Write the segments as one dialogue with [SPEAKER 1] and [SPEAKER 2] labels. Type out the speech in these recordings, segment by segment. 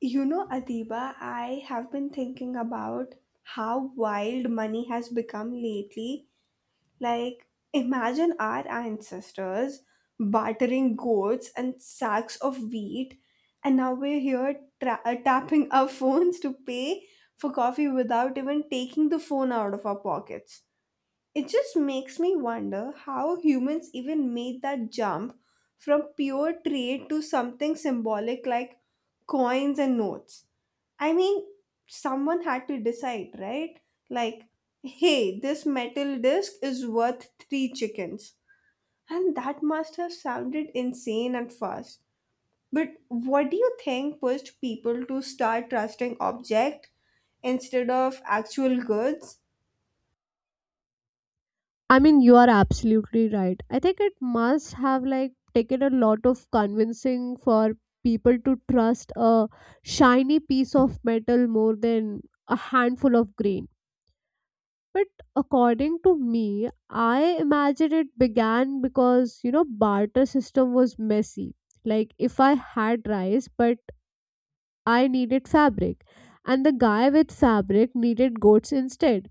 [SPEAKER 1] You know, Adiba, I have been thinking about how wild money has become lately. Like, imagine our ancestors bartering goats and sacks of wheat, and now we're here tapping our phones to pay for coffee without even taking the phone out of our pockets. It just makes me wonder how humans even made that jump from pure trade to something symbolic like coins and notes. I mean, someone had to decide, right? Like, hey, this metal disc is worth three chickens. And that must have sounded insane and fast. But what do you think pushed people to start trusting objects instead of actual goods?
[SPEAKER 2] I mean, you are absolutely right. I think it must have like taken a lot of convincing for people to trust a shiny piece of metal more than a handful of grain. But according to me, I imagine it began because barter system was messy. Like if I had rice, but I needed fabric, and the guy with fabric needed goats instead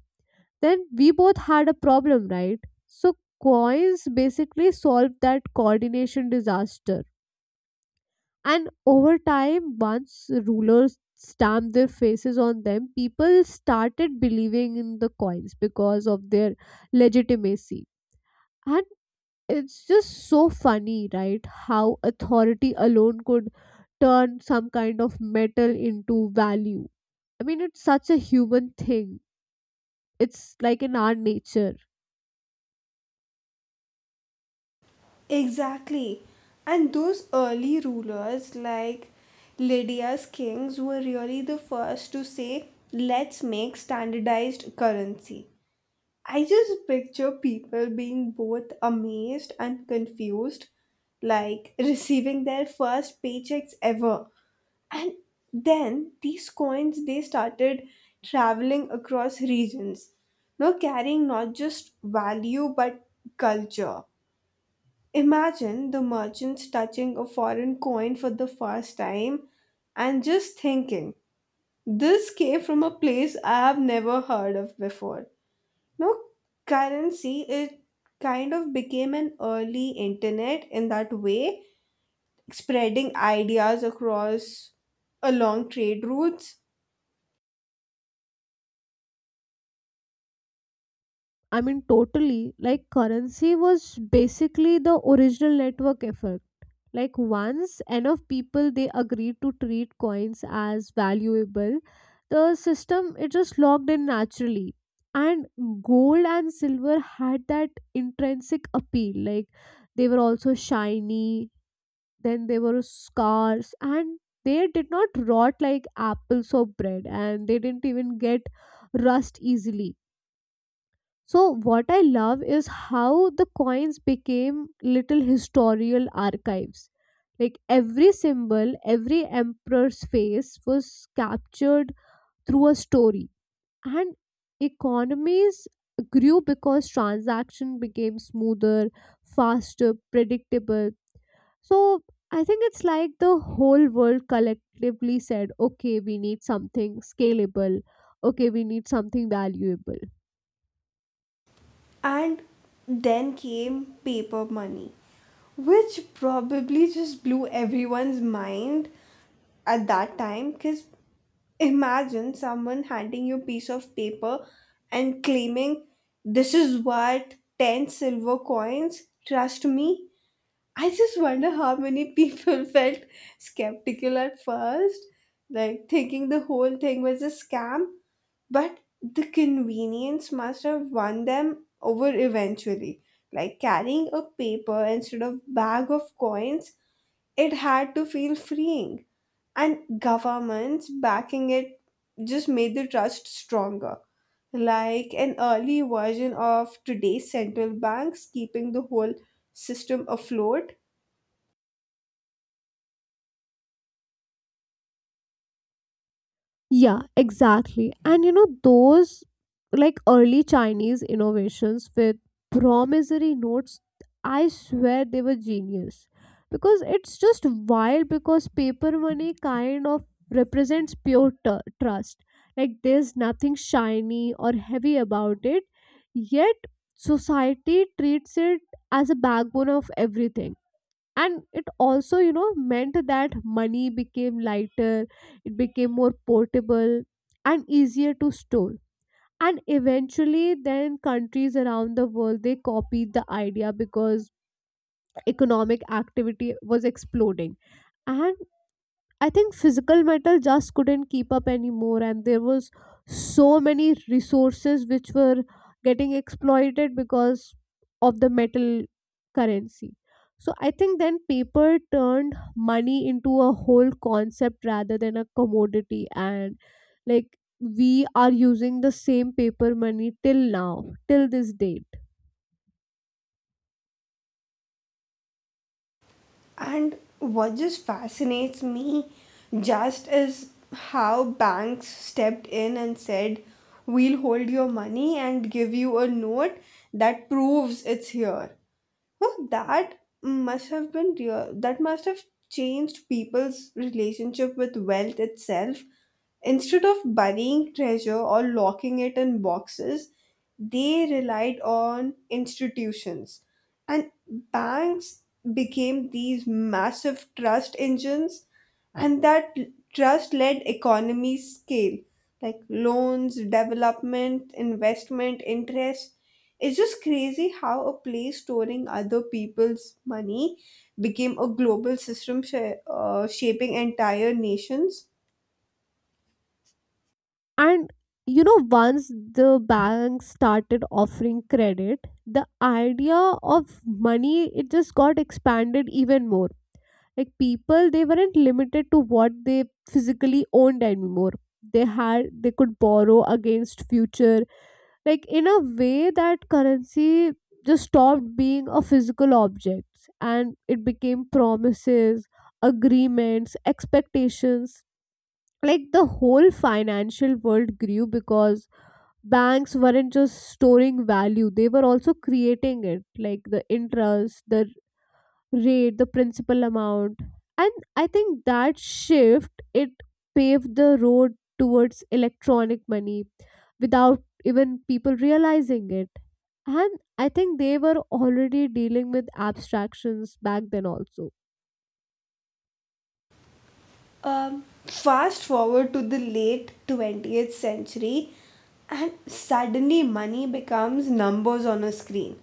[SPEAKER 2] then we both had a problem, right? So coins basically solved that coordination disaster. And over time, once rulers stamped their faces on them, people started believing in the coins because of their legitimacy. And it's just so funny, right? How authority alone could turn some kind of metal into value. I mean, it's such a human thing. It's like in our nature.
[SPEAKER 1] Exactly. And those early rulers like Lydia's kings were really the first to say, let's make standardized currency. I just picture people being both amazed and confused, like receiving their first paychecks ever. And then these coins they started traveling across regions, now carrying not just value but culture. Imagine the merchants touching a foreign coin for the first time and just thinking, this came from a place I've never heard of before. No, currency, it kind of became an early internet in that way, spreading ideas across along trade routes.
[SPEAKER 2] I mean, totally. Like, currency was basically the original network effect. Like, once enough people they agreed to treat coins as valuable, the system it just locked in naturally. And gold and silver had that intrinsic appeal. Like, they were also shiny, then they were scarce, and they did not rot like apples or bread, and they didn't even get rust easily. So, what I love is how the coins became little historical archives. Like every symbol, every emperor's face was captured through a story. And economies grew because transaction became smoother, faster, predictable. So, I think it's like the whole world collectively said, okay, we need something scalable. Okay, we need something valuable.
[SPEAKER 1] And then came paper money, which probably just blew everyone's mind at that time, because imagine someone handing you a piece of paper and claiming, this is worth 10 silver coins, trust me. I just wonder how many people felt skeptical at first, like thinking the whole thing was a scam, but the convenience must have won them over eventually. Like carrying a paper instead of bag of coins, it had to feel freeing, and governments backing it just made the trust stronger, like an early version of today's central banks keeping the whole system afloat.
[SPEAKER 2] Yeah, exactly. And those like early Chinese innovations with promissory notes, I swear they were genius. Because it's just wild because paper money kind of represents pure trust. Like there's nothing shiny or heavy about it, yet society treats it as a backbone of everything, and it also meant that money became lighter, it became more portable and easier to store. And eventually then countries around the world they copied the idea because economic activity was exploding. And I think physical metal just couldn't keep up anymore, and there was so many resources which were getting exploited because of the metal currency. So I think then paper turned money into a whole concept rather than a commodity, and like we are using the same paper money till now, till this date.
[SPEAKER 1] And what just fascinates me just is how banks stepped in and said, we'll hold your money and give you a note that proves it's here. Well, that must have been real. That must have changed people's relationship with wealth itself. Instead of burying treasure or locking it in boxes, they relied on institutions. And banks became these massive trust engines, and that trust led economies scale, like loans, development, investment, interest. It's just crazy how a place storing other people's money became a global system shaping entire nations.
[SPEAKER 2] And once the bank started offering credit, the idea of money it just got expanded even more. Like people, they weren't limited to what they physically owned anymore. They could borrow against future. Like in a way that currency just stopped being a physical object and it became promises, agreements, expectations. Like the whole financial world grew because banks weren't just storing value, they were also creating it, like the interest, the rate, the principal amount. And I think that shift it paved the road towards electronic money without even people realizing it. And I think they were already dealing with abstractions back then also.
[SPEAKER 1] Fast forward to the late 20th century, and suddenly money becomes numbers on a screen.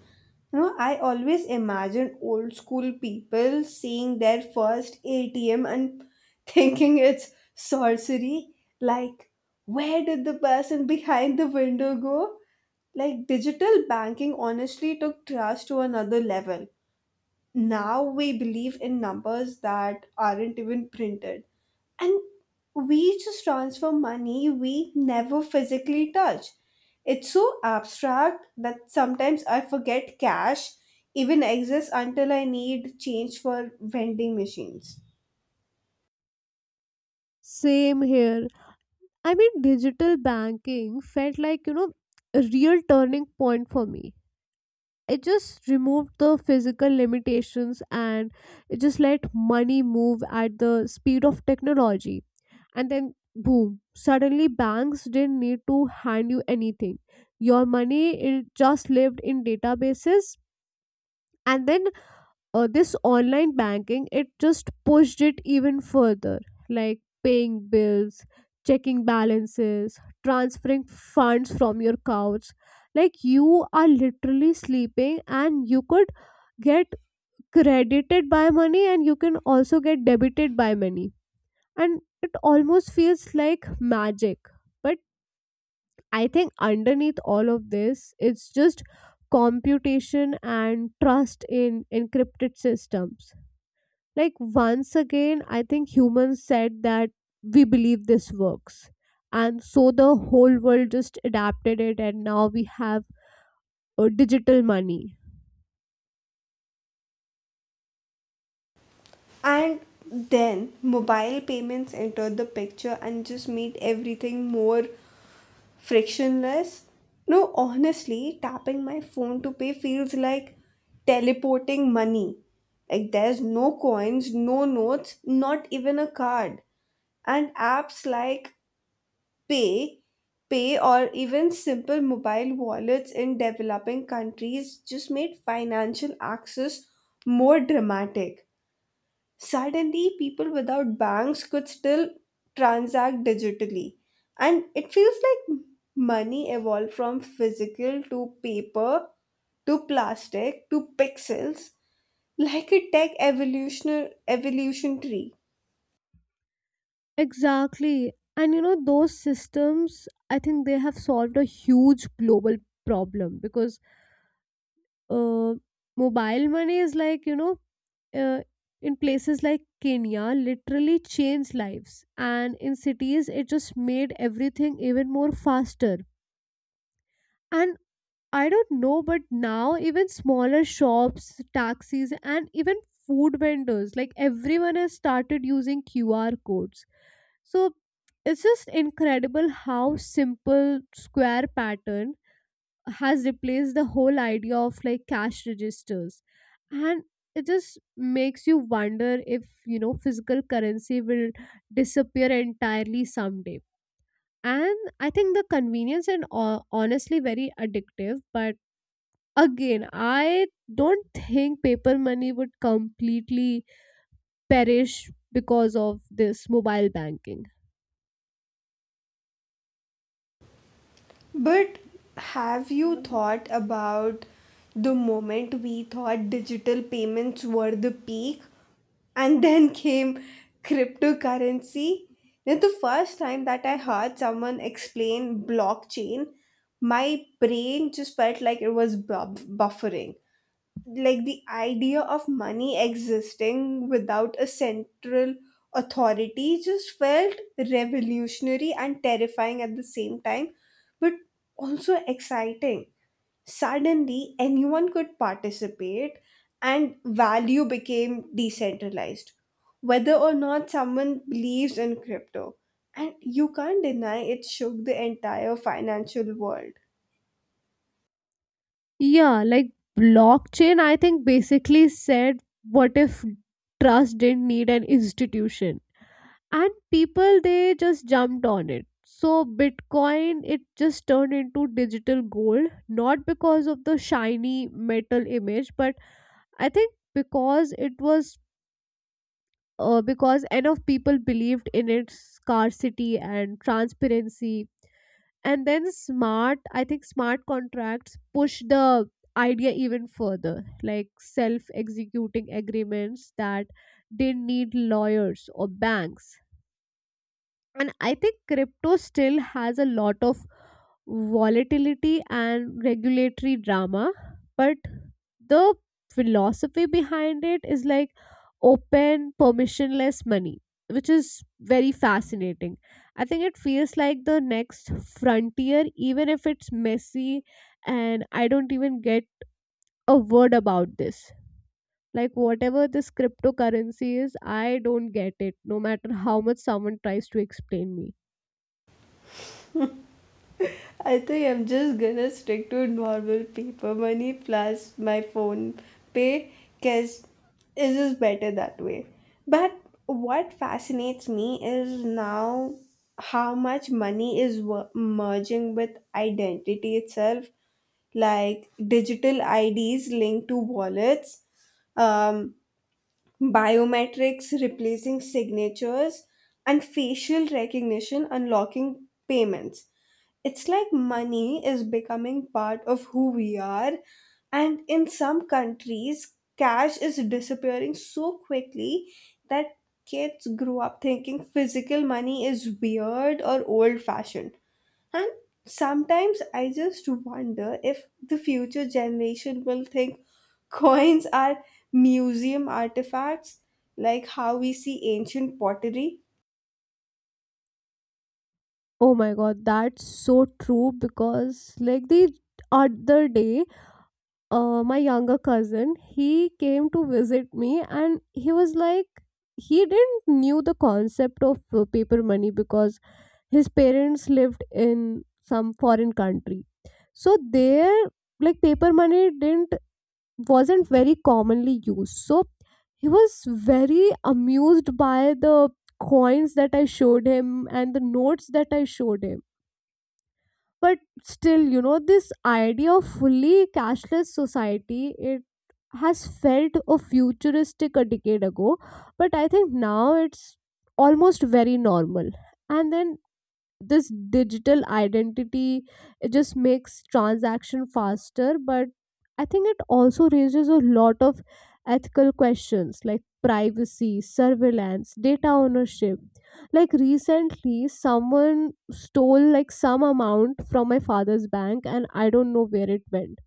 [SPEAKER 1] You know, I always imagine old school people seeing their first ATM and thinking it's sorcery. Like, where did the person behind the window go? Like, digital banking honestly took trust to another level. Now we believe in numbers that aren't even printed, and we just transfer money we never physically touch. It's so abstract that sometimes I forget cash even exists until I need change for vending machines.
[SPEAKER 2] Same here. I mean, digital banking felt like a real turning point for me. It just removed the physical limitations and it just let money move at the speed of technology. And then boom, suddenly banks didn't need to hand you anything, your money it just lived in databases. And then this online banking it just pushed it even further, like paying bills, checking balances, transferring funds from your couch. Like you are literally sleeping and you could get credited by money and you can also get debited by money, and it almost feels like magic. But I think underneath all of this it's just computation and trust in encrypted systems. Like once again I think humans said that we believe this works, and so the whole world just adapted it, and now we have digital money.
[SPEAKER 1] And then mobile payments enter the picture and just made everything more frictionless. No, honestly, tapping my phone to pay feels like teleporting money. Like there's no coins, no notes, not even a card. And apps like Pay, Pay or even simple mobile wallets in developing countries just made financial access more dramatic. Suddenly, people without banks could still transact digitally. And it feels like money evolved from physical to paper to plastic to pixels, like a tech evolutionary evolution tree.
[SPEAKER 2] Exactly. And those systems, I think they have solved a huge global problem because uh, mobile money is like, uh, in places like Kenya, literally changed lives. And in cities, it just made everything even more faster. And I don't know, but now even smaller shops, taxis, and even food vendors, like everyone has started using QR codes. So it's just incredible how simple square pattern has replaced the whole idea of like cash registers. And it just makes you wonder if, physical currency will disappear entirely someday. And I think the convenience and honestly very addictive. But again, I don't think paper money would completely perish because of this mobile banking.
[SPEAKER 1] But have you thought about the moment we thought digital payments were the peak, and then came cryptocurrency? Now, the first time that I heard someone explain blockchain, my brain just felt like it was buffering. Like the idea of money existing without a central authority just felt revolutionary and terrifying at the same time, but also exciting. Suddenly anyone could participate and value became decentralized, whether or not someone believes in crypto, and you can't deny it shook the entire financial world.
[SPEAKER 2] Yeah, like blockchain, I think basically said, what if trust didn't need an institution? And people, they just jumped on it. So, Bitcoin, it just turned into digital gold, not because of the shiny metal image, but I think because it was because enough people believed in its scarcity and transparency. And then smart I think smart contracts push the idea even further, like self executing agreements that didn't need lawyers or banks. And I think crypto still has a lot of volatility and regulatory drama, but the philosophy behind it is like open permissionless money, which is very fascinating. I think it feels like the next frontier, even if it's messy. And I don't even get a word about this, like whatever this cryptocurrency is, I don't get it, no matter how much someone tries to explain me.
[SPEAKER 1] I think I'm just gonna stick to normal paper money plus my phone pay because it's just better that way. But what fascinates me is now how much money is merging with identity itself, like digital IDs linked to wallets, um, biometrics replacing signatures, and facial recognition unlocking payments. It's like money is becoming part of who we are, and in some countries, cash is disappearing so quickly that kids grow up thinking physical money is weird or old fashioned. And sometimes I just wonder if the future generation will think coins are museum artifacts, like how we see ancient pottery.
[SPEAKER 2] Oh my god, that's so true. Because like the other day, my younger cousin, he came to visit me, and he was like he didn't knew the concept of paper money because his parents lived in some foreign country. So there like paper money didn't wasn't very commonly used. So he was very amused by the coins that I showed him and the notes that I showed him. But still this idea of fully cashless society, it has felt a futuristic a decade ago, but I think now it's almost very normal. And then this digital identity it just makes transaction faster, but I think it also raises a lot of ethical questions, like privacy, surveillance, data ownership. Like recently someone stole like some amount from my father's bank and I don't know where it went.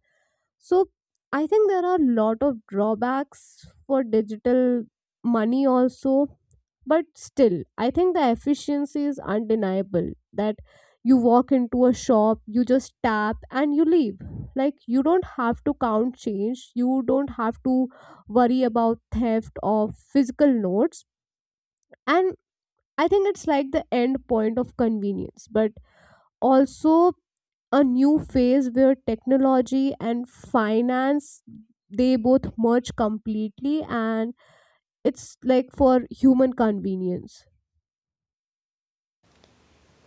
[SPEAKER 2] So I think there are a lot of drawbacks for digital money also. But still, I think the efficiency is undeniable that you walk into a shop, you just tap and you leave. Like you don't have to count change, you don't have to worry about theft of physical notes. And I think it's like the end point of convenience. But also a new phase where technology and finance they both merge completely, and it's like for human convenience.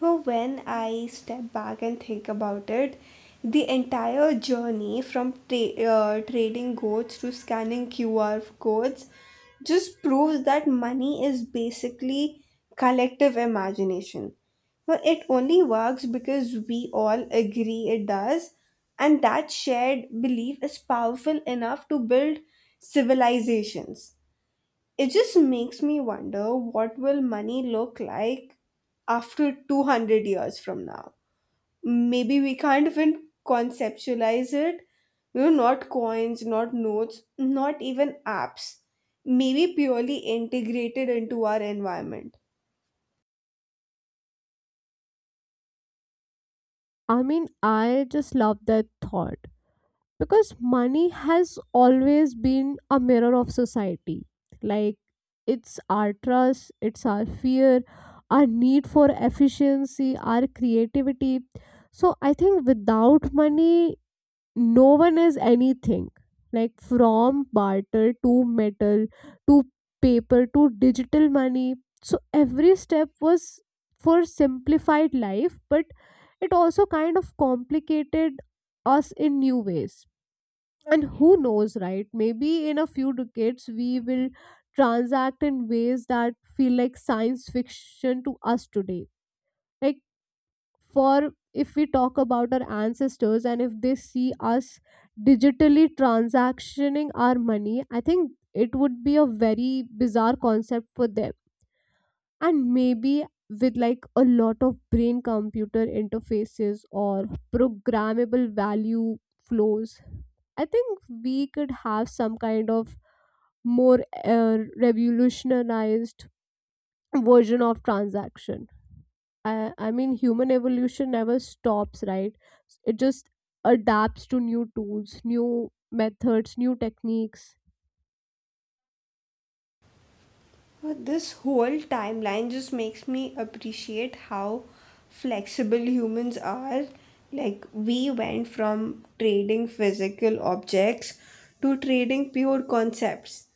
[SPEAKER 1] Well, when I step back and think about it, the entire journey from trading goods to scanning QR codes just proves that money is basically collective imagination. Well, it only works because we all agree it does, and that shared belief is powerful enough to build civilizations. It just makes me wonder what will money look like after 200 years from now. Maybe we can't even conceptualize it. You know, not coins, not notes, not even apps. Maybe purely integrated into our environment.
[SPEAKER 2] I mean, I just love that thought because money has always been a mirror of society. Like it's our trust, it's our fear, our need for efficiency, our creativity. So I think without money, no one is anything. Like from barter to metal to paper to digital money, so every step was for simplified life, but it also kind of complicated us in new ways. And who knows, right? Maybe in a few decades we will transact in ways that feel like science fiction to us today. Like for if we talk about our ancestors and if they see us digitally transactioning our money, I think it would be a very bizarre concept for them. And maybe with like a lot of brain computer interfaces or programmable value flows, I think we could have some kind of more revolutionized version of transaction. I mean, human evolution never stops, right? It just adapts to new tools, new methods, new techniques.
[SPEAKER 1] But this whole timeline just makes me appreciate how flexible humans are. Like, we went from trading physical objects to trading pure concepts.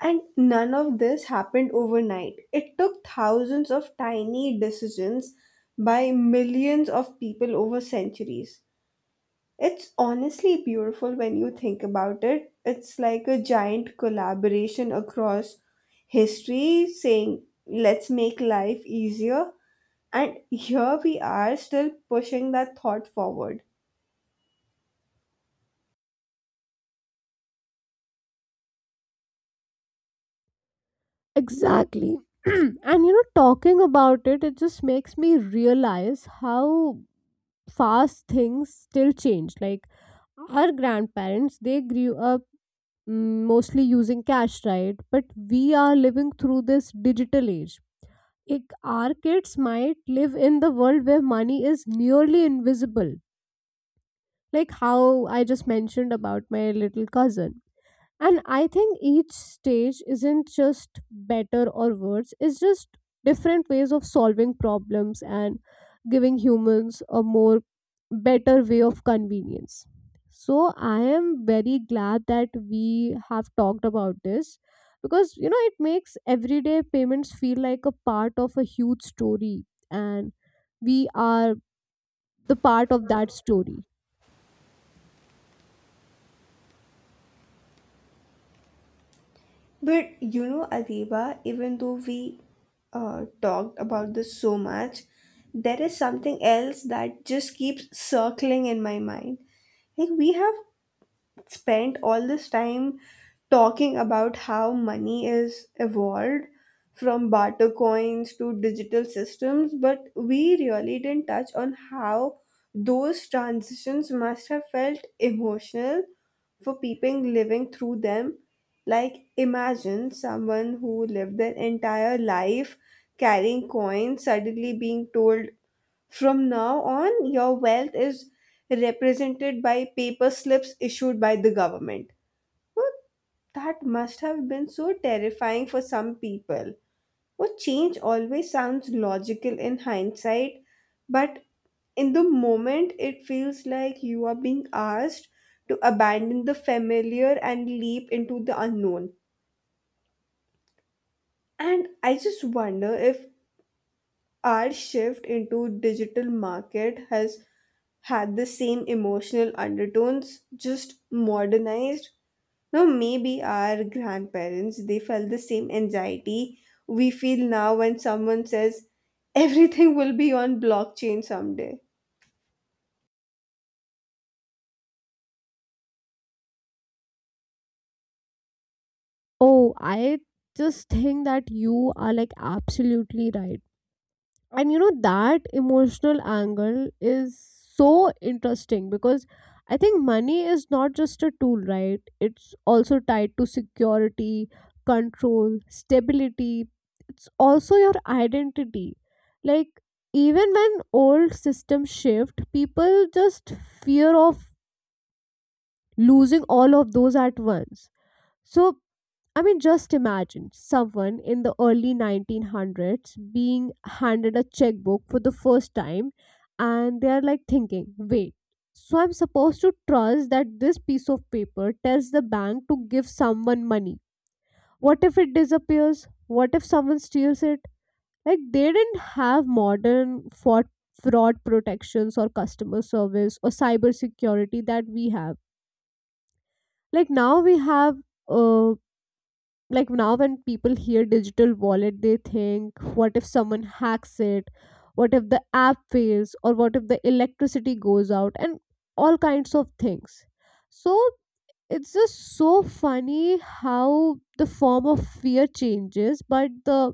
[SPEAKER 1] And none of this happened overnight. It took thousands of tiny decisions by millions of people over centuries. It's honestly beautiful when you think about it. It's like a giant collaboration across history saying, let's make life easier. And here we are still pushing that thought forward.
[SPEAKER 2] Exactly. And talking about it, it just makes me realize how fast things still change. Like our grandparents, they grew up mostly using cash, right? But we are living through this digital age. Like, our kids might live in the world where money is nearly invisible, like how I just mentioned about my little cousin. And I think each stage isn't just better or worse, it's just different ways of solving problems and giving humans a more better way of convenience. So I am very glad that we have talked about this because it makes everyday payments feel like a part of a huge story, and we are the part of that story.
[SPEAKER 1] But you know, Adiba, even though we talked about this so much, there is something else that just keeps circling in my mind. Like, we have spent all this time talking about how money is evolved from barter coins to digital systems, but we really didn't touch on how those transitions must have felt emotional for people living through them. Like, imagine someone who lived their entire life carrying coins suddenly being told, from now on, your wealth is represented by paper slips issued by the government. Well, that must have been so terrifying for some people. Well, change always sounds logical in hindsight, but in the moment, it feels like you are being asked to abandon the familiar and leap into the unknown. And I just wonder if our shift into digital market has had the same emotional undertones, just modernized. Now maybe our grandparents they felt the same anxiety we feel now when someone says everything will be on blockchain someday.
[SPEAKER 2] Oh, I just think that you are like absolutely right. And you know that emotional angle is so interesting because I think money is not just a tool, right? It's also tied to security, control, stability. It's also your identity. Like even when old systems shift, people just fear of losing all of those at once. So I mean, just imagine someone in the early 1900s being handed a checkbook for the first time, and they are like thinking, wait, so I'm supposed to trust that this piece of paper tells the bank to give someone money. What if it disappears? What if someone steals it? Like, they didn't have modern fraud protections or customer service or cybersecurity that we have. Like, now we have um like now when people hear digital wallet, they think, what if someone hacks it? What if the app fails? Or what if the electricity goes out and all kinds of things? So it's just so funny how the form of fear changes, but the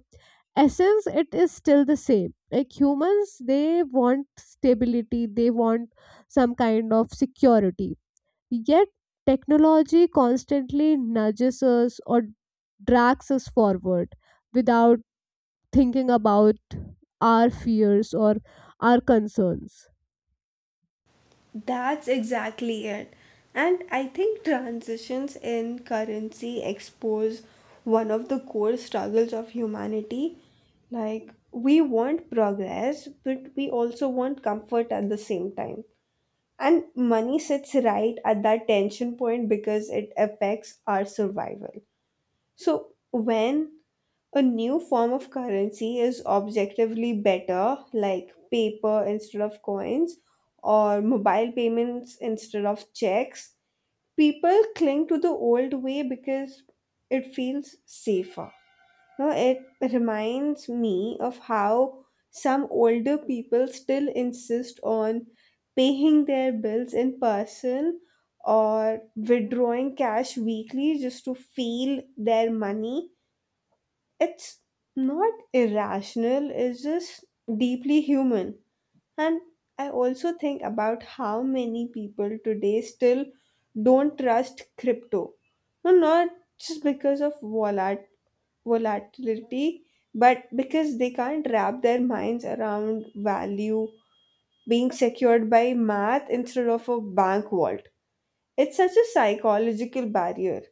[SPEAKER 2] essence, it is still the same. Like, humans, they want stability, they want some kind of security. Yet technology constantly nudges us or drags us forward without thinking about our fears or our concerns.
[SPEAKER 1] That's exactly it. And I think transitions in currency expose one of the core struggles of humanity. Like, we want progress, but we also want comfort at the same time. And money sits right at that tension point because it affects our survival. So, when a new form of currency is objectively better, like paper instead of coins or mobile payments instead of checks. People cling to the old way because it feels safer. Now, it reminds me of how some older people still insist on paying their bills in person or withdrawing cash weekly just to feel their money. It's not irrational, it's just deeply human. And I also think about how many people today still don't trust crypto. No, not just because of volatility, but because they can't wrap their minds around value being secured by math instead of a bank vault. It's such a psychological barrier.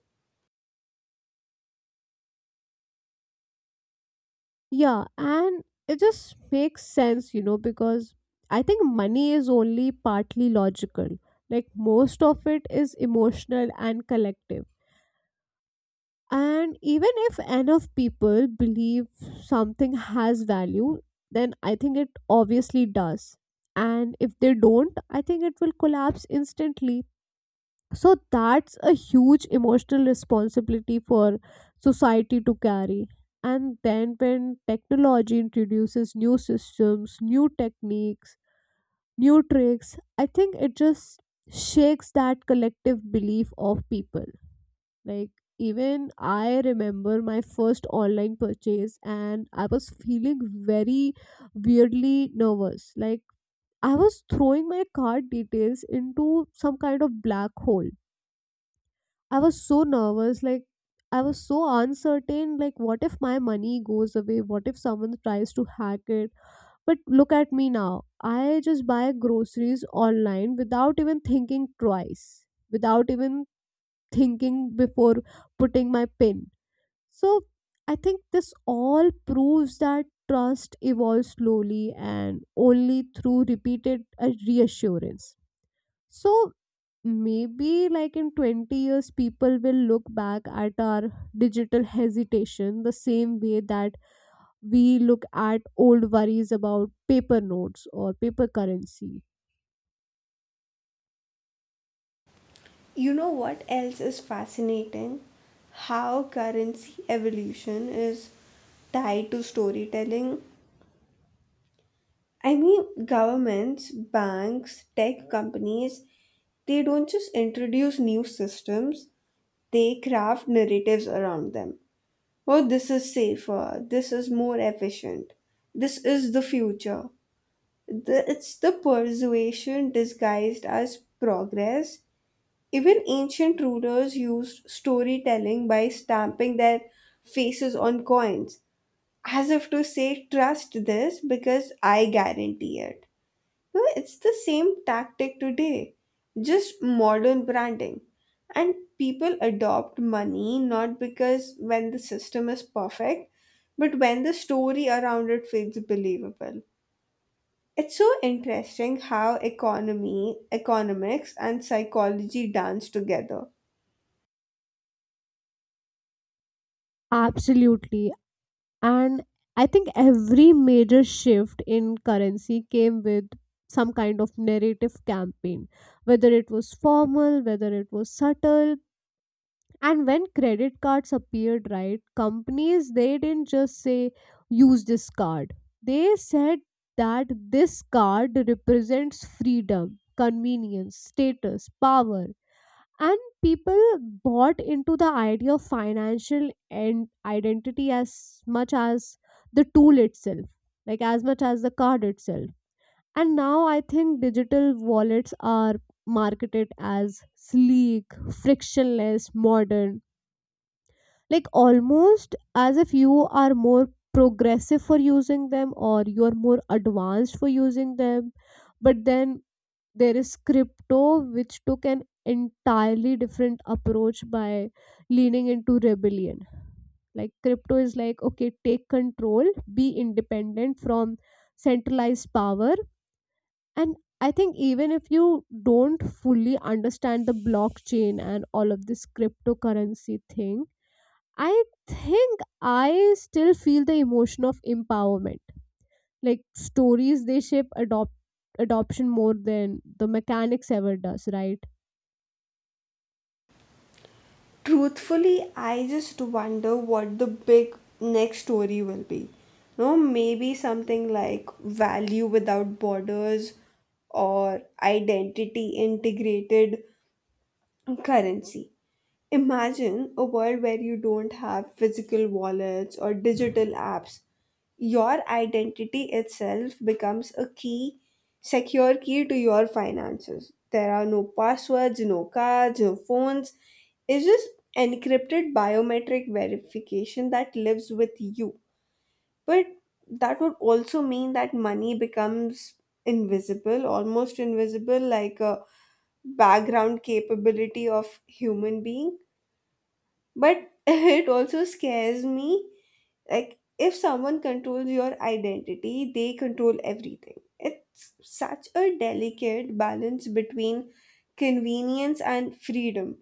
[SPEAKER 2] Yeah, and it just makes sense, because I think money is only partly logical. Like, most of it is emotional and collective. And even if enough people believe something has value, then I think it obviously does. And if they don't, I think it will collapse instantly. So that's a huge emotional responsibility for society to carry. And then when technology introduces new systems, new techniques, new tricks, I think it just shakes that collective belief of people. Like, even I remember my first online purchase, and I was feeling very weirdly nervous, like I was throwing my card details into some kind of black hole. I was so nervous. Like, I was so uncertain. Like, what if my money goes away? What if someone tries to hack it? But look at me now. I just buy groceries online without even thinking twice, without even thinking before putting my PIN. So, I think this all proves that trust evolves slowly and only through repeated reassurance. So maybe like in 20 years, people will look back at our digital hesitation the same way that we look at old worries about paper notes or paper currency.
[SPEAKER 1] You know what else is fascinating? How currency evolution is tied to storytelling. I mean, governments, banks, tech companies, they don't just introduce new systems, they craft narratives around them. Oh, this is safer, this is more efficient, this is the future. The, it's the persuasion disguised as progress. Even ancient rulers used storytelling by stamping their faces on coins, as if to say, trust this because I guarantee it. No, it's the same tactic today, just modern branding. And people adopt money not because when the system is perfect, but when the story around it feels believable. It's so interesting how economy, economics, and psychology dance together.
[SPEAKER 2] Absolutely. And I think every major shift in currency came with some kind of narrative campaign, whether it was formal, whether it was subtle. And when credit cards appeared, right, companies, they didn't just say use this card. They said that this card represents freedom, convenience, status, power. And people bought into the idea of financial and identity as much as the tool itself, like as much as the card itself. And now I think digital wallets are marketed as sleek, frictionless, modern, like almost as if you are more progressive for using them or you're more advanced for using them. But then there is crypto, which took an entirely different approach by leaning into rebellion. Like, crypto is like, okay, take control, be independent from centralized power. And I think even if you don't fully understand the blockchain and all of this cryptocurrency thing, I think I still feel the emotion of empowerment. Like, stories, they shape adoption more than the mechanics ever does, right?
[SPEAKER 1] Truthfully, I just wonder what the big next story will be. No, maybe something like value without borders or identity integrated currency. Imagine a world where you don't have physical wallets or digital apps, your identity itself becomes a key, secure key to your finances. There are no passwords, no cards, no phones. It's just encrypted biometric verification that lives with you. But that would also mean that money becomes invisible, almost invisible, like a background capability of human being. But it also scares me, like, if someone controls your identity, they control everything. It's such a delicate balance between convenience and freedom.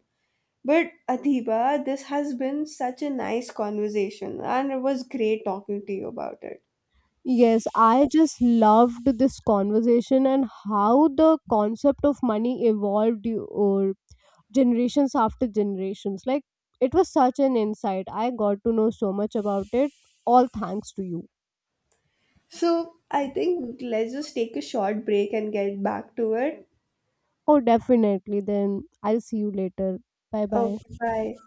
[SPEAKER 1] But Adhiba, this has been such a nice conversation, and it was great talking to you about it.
[SPEAKER 2] Yes, I just loved this conversation and how the concept of money evolved or generations after generations. Like, it was such an insight. I got to know so much about it. All thanks to you.
[SPEAKER 1] So, I think let's just take a short break and get back to it.
[SPEAKER 2] Oh, definitely. Then I'll see you later. Bye bye.
[SPEAKER 1] Okay, bye.